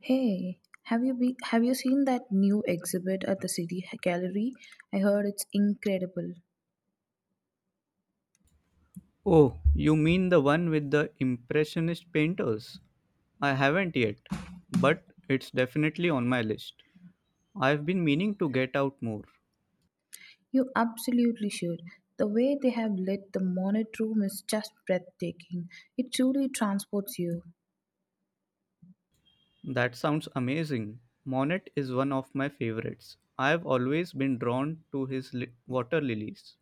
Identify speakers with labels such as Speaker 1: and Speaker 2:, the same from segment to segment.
Speaker 1: Hey, have you seen that new exhibit at the City Gallery? I heard it's incredible.
Speaker 2: Oh, you mean the one with the Impressionist painters? I haven't yet, but it's definitely on my list. I've been meaning to get out more.
Speaker 1: You absolutely should. The way they have lit the Monet room is just breathtaking. It truly transports you.
Speaker 2: That sounds amazing. Monet is one of my favorites. I've always been drawn to his water lilies.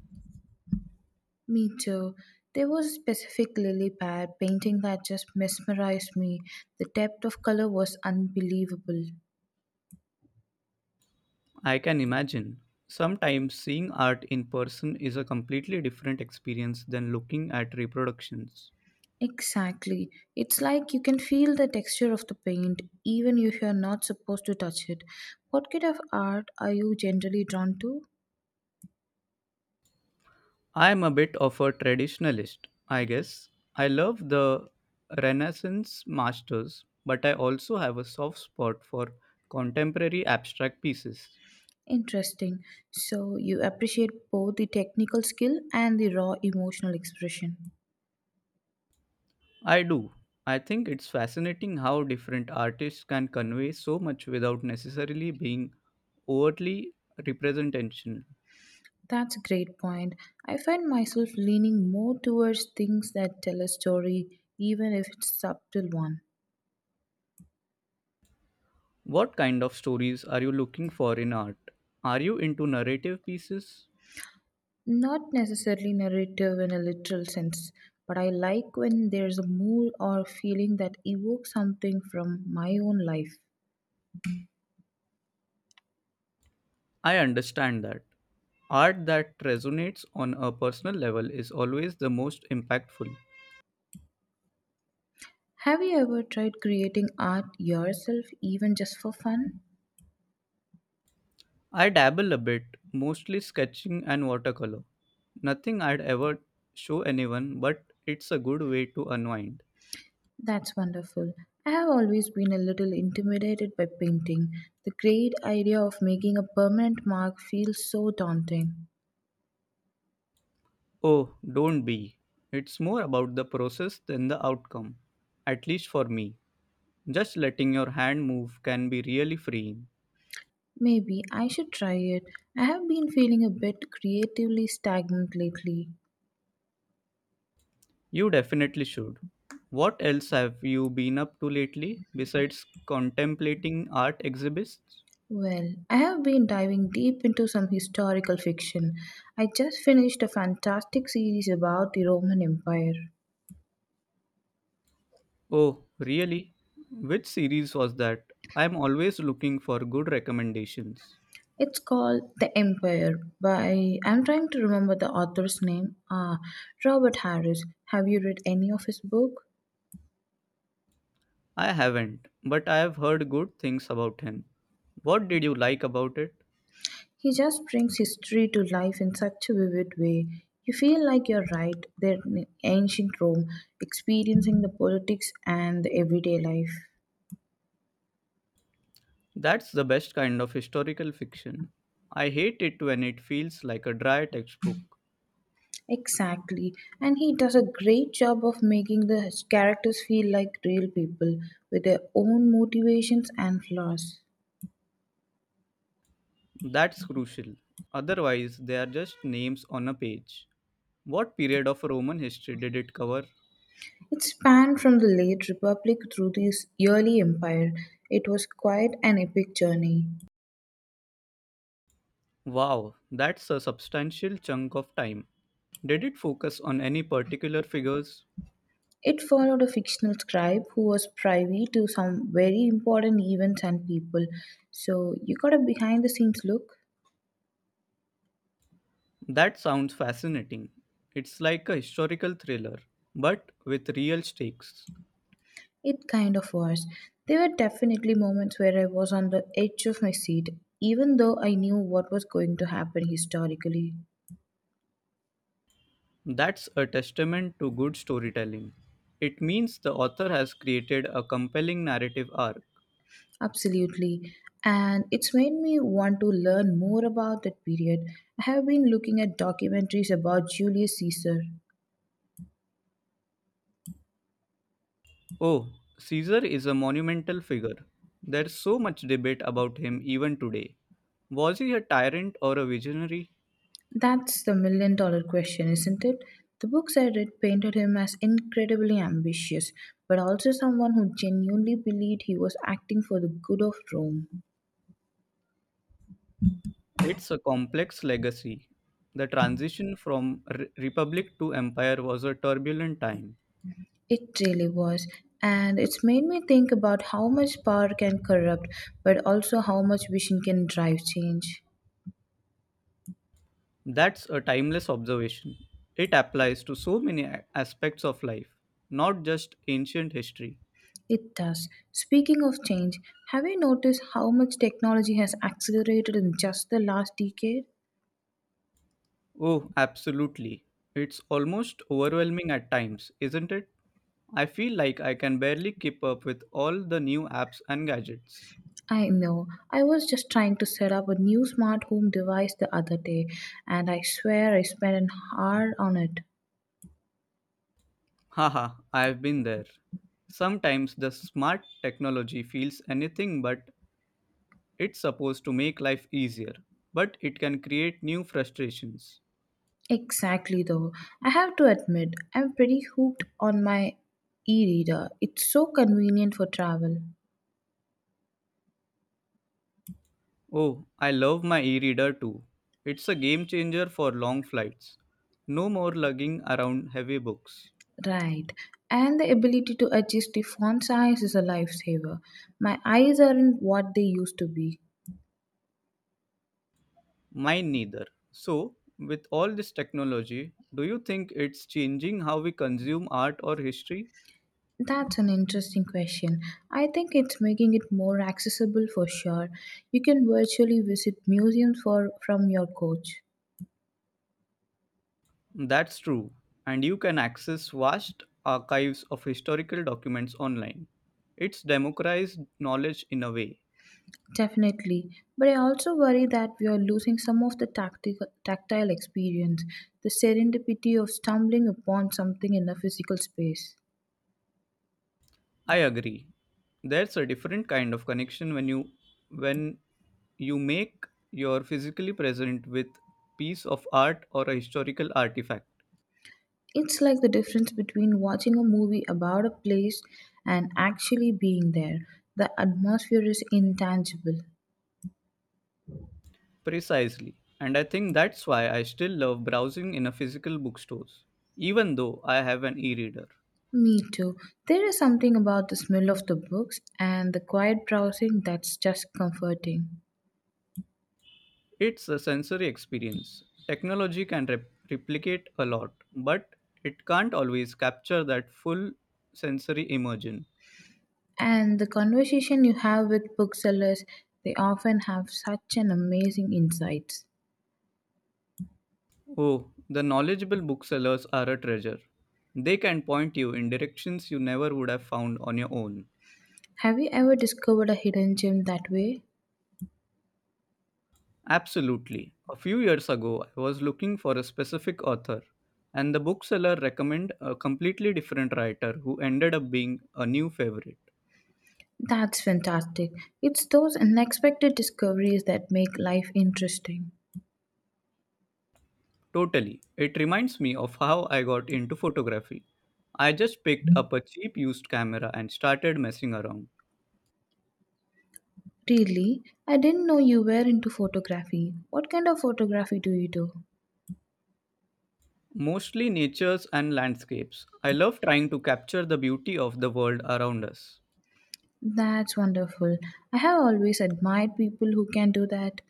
Speaker 1: Me too. There was a specific lily pad painting that just mesmerized me. The depth of color was unbelievable.
Speaker 2: I can imagine. Sometimes seeing art in person is a completely different experience than looking at reproductions.
Speaker 1: Exactly. It's like you can feel the texture of the paint even if you're not supposed to touch it. What kind of art are you generally drawn to?
Speaker 2: I'm a bit of a traditionalist, I guess. I love the Renaissance masters, but I also have a soft spot for contemporary abstract pieces.
Speaker 1: Interesting. So you appreciate both the technical skill and the raw emotional expression.
Speaker 2: I do. I think it's fascinating how different artists can convey so much without necessarily being overtly representational.
Speaker 1: That's a great point. I find myself leaning more towards things that tell a story, even if it's subtle one.
Speaker 2: What kind of stories are you looking for in art? Are you into narrative pieces?
Speaker 1: Not necessarily narrative in a literal sense, but I like when there's a mood or feeling that evokes something from my own life.
Speaker 2: I understand that. Art that resonates on a personal level is always the most impactful.
Speaker 1: Have you ever tried creating art yourself, even just for fun?
Speaker 2: I dabble a bit, mostly sketching and watercolor. Nothing I'd ever show anyone, but it's a good way to unwind.
Speaker 1: That's wonderful. I have always been a little intimidated by painting. The great idea of making a permanent mark feels so daunting.
Speaker 2: Oh, don't be. It's more about the process than the outcome, at least for me. Just letting your hand move can be really freeing.
Speaker 1: Maybe I should try it. I have been feeling a bit creatively stagnant lately.
Speaker 2: You definitely should. What else have you been up to lately besides contemplating art exhibits?
Speaker 1: Well, I have been diving deep into some historical fiction. I just finished a fantastic series about the Roman Empire.
Speaker 2: Oh, really? Which series was that? I'm always looking for good recommendations.
Speaker 1: It's called The Empire by, I'm trying to remember the author's name, ah, Robert Harris. Have you read any of his book?
Speaker 2: I haven't, but I have heard good things about him. What did you like about it?
Speaker 1: He just brings history to life in such a vivid way. You feel like you're right there in ancient Rome, experiencing the politics and the everyday life.
Speaker 2: That's the best kind of historical fiction. I hate it when it feels like a dry textbook.
Speaker 1: Exactly. And he does a great job of making the his characters feel like real people with their own motivations and flaws.
Speaker 2: That's crucial. Otherwise, they are just names on a page. What period of Roman history did it cover?
Speaker 1: It spanned from the late Republic through the early empire. It was quite an epic journey.
Speaker 2: Wow, that's a substantial chunk of time. Did it focus on any particular figures?
Speaker 1: It followed a fictional scribe who was privy to some very important events and people. So you got a behind the scenes look.
Speaker 2: That sounds fascinating. It's like a historical thriller, but with real stakes.
Speaker 1: It kind of was. There were definitely moments where I was on the edge of my seat, even though I knew what was going to happen historically.
Speaker 2: That's a testament to good storytelling. It means the author has created a compelling narrative arc.
Speaker 1: Absolutely. And it's made me want to learn more about that period. I have been looking at documentaries about Julius Caesar.
Speaker 2: Oh, Caesar is a monumental figure. There's so much debate about him even today. Was he a tyrant or a visionary?
Speaker 1: That's the million dollar question, isn't it? The books I read painted him as incredibly ambitious, but also someone who genuinely believed he was acting for the good of Rome.
Speaker 2: It's a complex legacy. The transition from republic to empire was a turbulent time.
Speaker 1: It really was. And it's made me think about how much power can corrupt, but also how much vision can drive change.
Speaker 2: That's a timeless observation. It applies to so many aspects of life, not just ancient history.
Speaker 1: It does. Speaking of change, have you noticed how much technology has accelerated in just the last decade?
Speaker 2: Oh, absolutely. It's almost overwhelming at times, isn't it? I feel like I can barely keep up with all the new apps and gadgets.
Speaker 1: I know. I was just trying to set up a new smart home device the other day, and I swear I spent an hour on it.
Speaker 2: Haha, I've been there. Sometimes the smart technology feels anything but it's supposed to make life easier, but it can create new frustrations.
Speaker 1: Exactly, though. I have to admit, I'm pretty hooked on my e reader. It's so convenient for travel.
Speaker 2: Oh, I love my e reader too. It's a game changer for long flights. No more lugging around heavy books.
Speaker 1: Right. And the ability to adjust the font size is a lifesaver. My eyes aren't what they used to be.
Speaker 2: Mine neither. So, with all this technology, do you think it's changing how we consume art or history?
Speaker 1: That's an interesting question. I think it's making it more accessible for sure. You can virtually visit museums for from your coach.
Speaker 2: That's true. And you can access vast archives of historical documents online. It's democratized knowledge in a way.
Speaker 1: Definitely. But I also worry that we are losing some of the tactile experience, the serendipity of stumbling upon something in a physical space.
Speaker 2: I agree. That's a different kind of connection when when you make your physically present with piece of art or a historical artifact.
Speaker 1: It's like the difference between watching a movie about a place and actually being there. The atmosphere is intangible.
Speaker 2: Precisely. And I think that's why I still love browsing in a physical bookstores, even though I have an e-reader.
Speaker 1: Me too. There is something about the smell of the books and the quiet browsing that's just comforting.
Speaker 2: It's a sensory experience. Technology can replicate a lot, but it can't always capture that full sensory immersion.
Speaker 1: And the conversation you have with booksellers, they often have such an amazing insights.
Speaker 2: Oh, the knowledgeable booksellers are a treasure. They can point you in directions you never would have found on your own.
Speaker 1: Have you ever discovered a hidden gem that way?
Speaker 2: Absolutely. A few years ago, I was looking for a specific author, and the bookseller recommended a completely different writer who ended up being a new favorite.
Speaker 1: That's fantastic. It's those unexpected discoveries that make life interesting.
Speaker 2: Totally. It reminds me of how I got into photography. I just picked up a cheap used camera and started messing around.
Speaker 1: Really? I didn't know you were into photography. What kind of photography do you do?
Speaker 2: Mostly natures and landscapes. I love trying to capture the beauty of the world around us.
Speaker 1: That's wonderful. I have always admired people who can do that.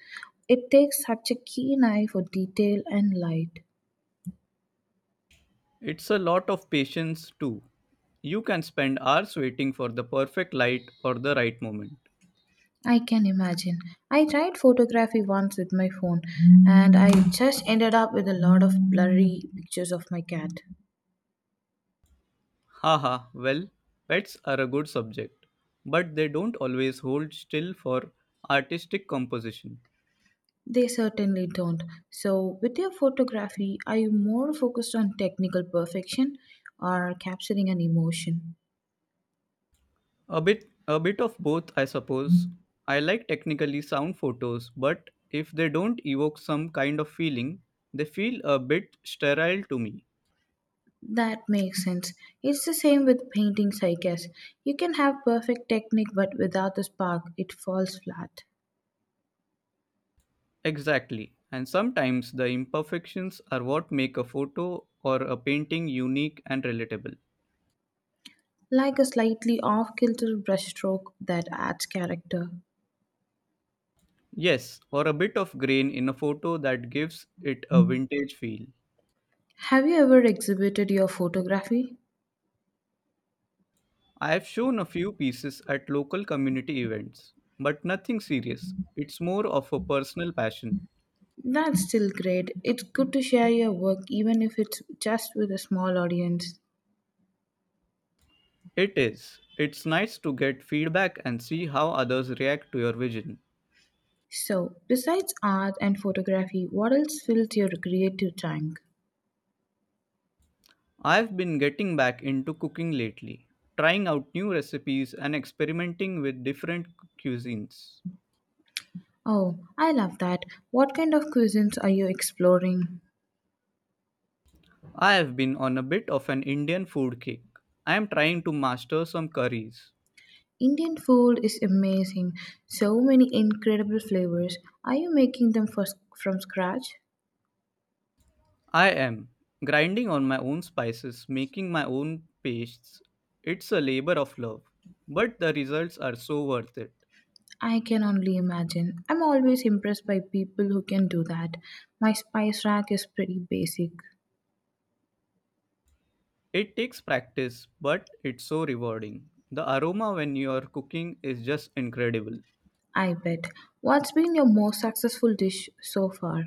Speaker 1: It takes such a keen eye for detail and light.
Speaker 2: It's a lot of patience, too. You can spend hours waiting for the perfect light or the right moment.
Speaker 1: I can imagine. I tried photography once with my phone and I just ended up with a lot of blurry pictures of my cat.
Speaker 2: Haha, well, pets are a good subject, but they don't always hold still for artistic composition.
Speaker 1: They certainly don't. So, with your photography, are you more focused on technical perfection or capturing an emotion?
Speaker 2: A bit of both, I suppose. I like technically sound photos, but if they don't evoke some kind of feeling, they feel a bit sterile to me.
Speaker 1: That makes sense. It's the same with paintings, I guess. You can have perfect technique, but without the spark, it falls flat.
Speaker 2: Exactly. And sometimes the imperfections are what make a photo or a painting unique and relatable.
Speaker 1: Like a slightly off kilter brushstroke that adds character.
Speaker 2: Yes, or a bit of grain in a photo that gives it a vintage feel.
Speaker 1: Have you ever exhibited your photography?
Speaker 2: I have shown a few pieces at local community events, but nothing serious. It's more of a personal passion.
Speaker 1: That's still great. It's good to share your work, even if it's just with a small audience.
Speaker 2: It is. It's nice to get feedback and see how others react to your vision.
Speaker 1: So, besides art and photography, what else fills your creative tank?
Speaker 2: I've been getting back into cooking lately, trying out new recipes and experimenting with different cuisines.
Speaker 1: Oh, I love that. What kind of cuisines are you exploring?
Speaker 2: I have been on a bit of an Indian food kick. I am trying to master some curries.
Speaker 1: Indian food is amazing. So many incredible flavors. Are you making them from scratch?
Speaker 2: I am grinding on my own spices, making my own pastes. It's a labor of love, but the results are so worth it.
Speaker 1: I can only imagine. I'm always impressed by people who can do that. My spice rack is pretty basic.
Speaker 2: It takes practice, but it's so rewarding. The aroma when you are cooking is just incredible.
Speaker 1: I bet. What's been your most successful dish so far?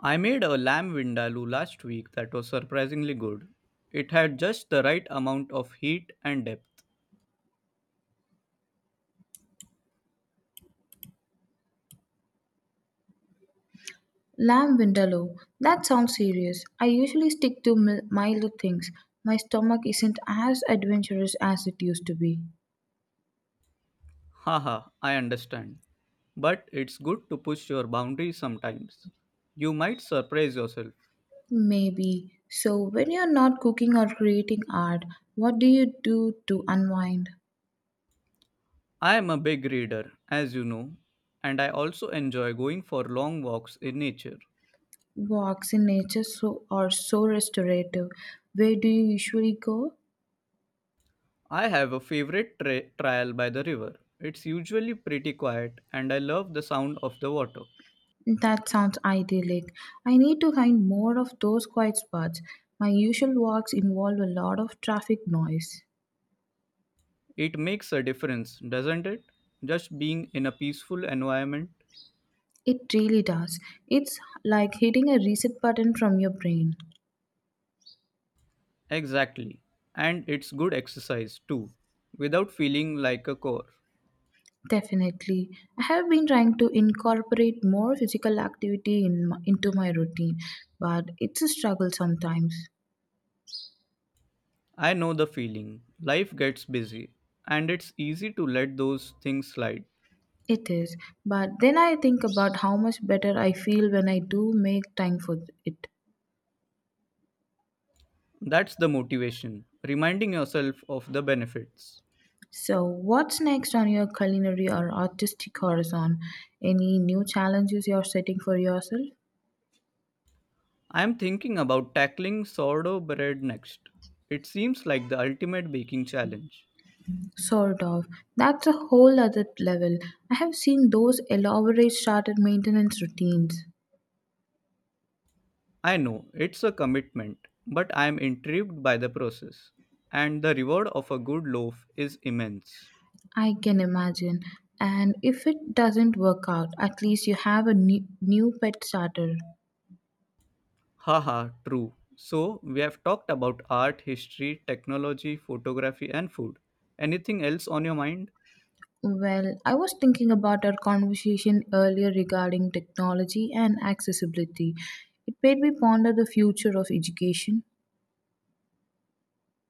Speaker 2: I made a lamb vindaloo last week that was surprisingly good. It had just the right amount of heat and depth.
Speaker 1: Lamb vindaloo. That sounds serious. I usually stick to milder things. My stomach isn't as adventurous as it used to be.
Speaker 2: Haha, I understand. But it's good to push your boundaries sometimes. You might surprise yourself.
Speaker 1: Maybe. So, when you're not cooking or creating art, what do you do to unwind?
Speaker 2: I am a big reader, as you know, and I also enjoy going for long walks in nature.
Speaker 1: Walks in nature are so restorative. Where do you usually go?
Speaker 2: I have a favorite trial by the river. It's usually pretty quiet, and I love the sound of the water.
Speaker 1: That sounds idyllic. I need to find more of those quiet spots. My usual walks involve a lot of traffic noise.
Speaker 2: It makes a difference, doesn't it? Just being in a peaceful environment.
Speaker 1: It really does. It's like hitting a reset button from your brain.
Speaker 2: Exactly. And it's good exercise too, without feeling like a chore.
Speaker 1: Definitely. I have been trying to incorporate more physical activity into my routine, but it's a struggle sometimes.
Speaker 2: I know the feeling. Life gets busy, and it's easy to let those things slide.
Speaker 1: It is. But then I think about how much better I feel when I do make time for it.
Speaker 2: That's the motivation, reminding yourself of the benefits.
Speaker 1: So, what's next on your culinary or artistic horizon? Any new challenges you're setting for yourself?
Speaker 2: I'm thinking about tackling sourdough bread next. It seems like the ultimate baking challenge.
Speaker 1: Sort of. That's a whole other level. I have seen those elaborate starter maintenance routines.
Speaker 2: I know it's a commitment, but I am intrigued by the process. And the reward of a good loaf is immense.
Speaker 1: I can imagine. And if it doesn't work out, at least you have a new pet starter.
Speaker 2: Haha, true. So, we have talked about art, history, technology, photography, and food. Anything else on your mind?
Speaker 1: Well, I was thinking about our conversation earlier regarding technology and accessibility. It made me ponder the future of education.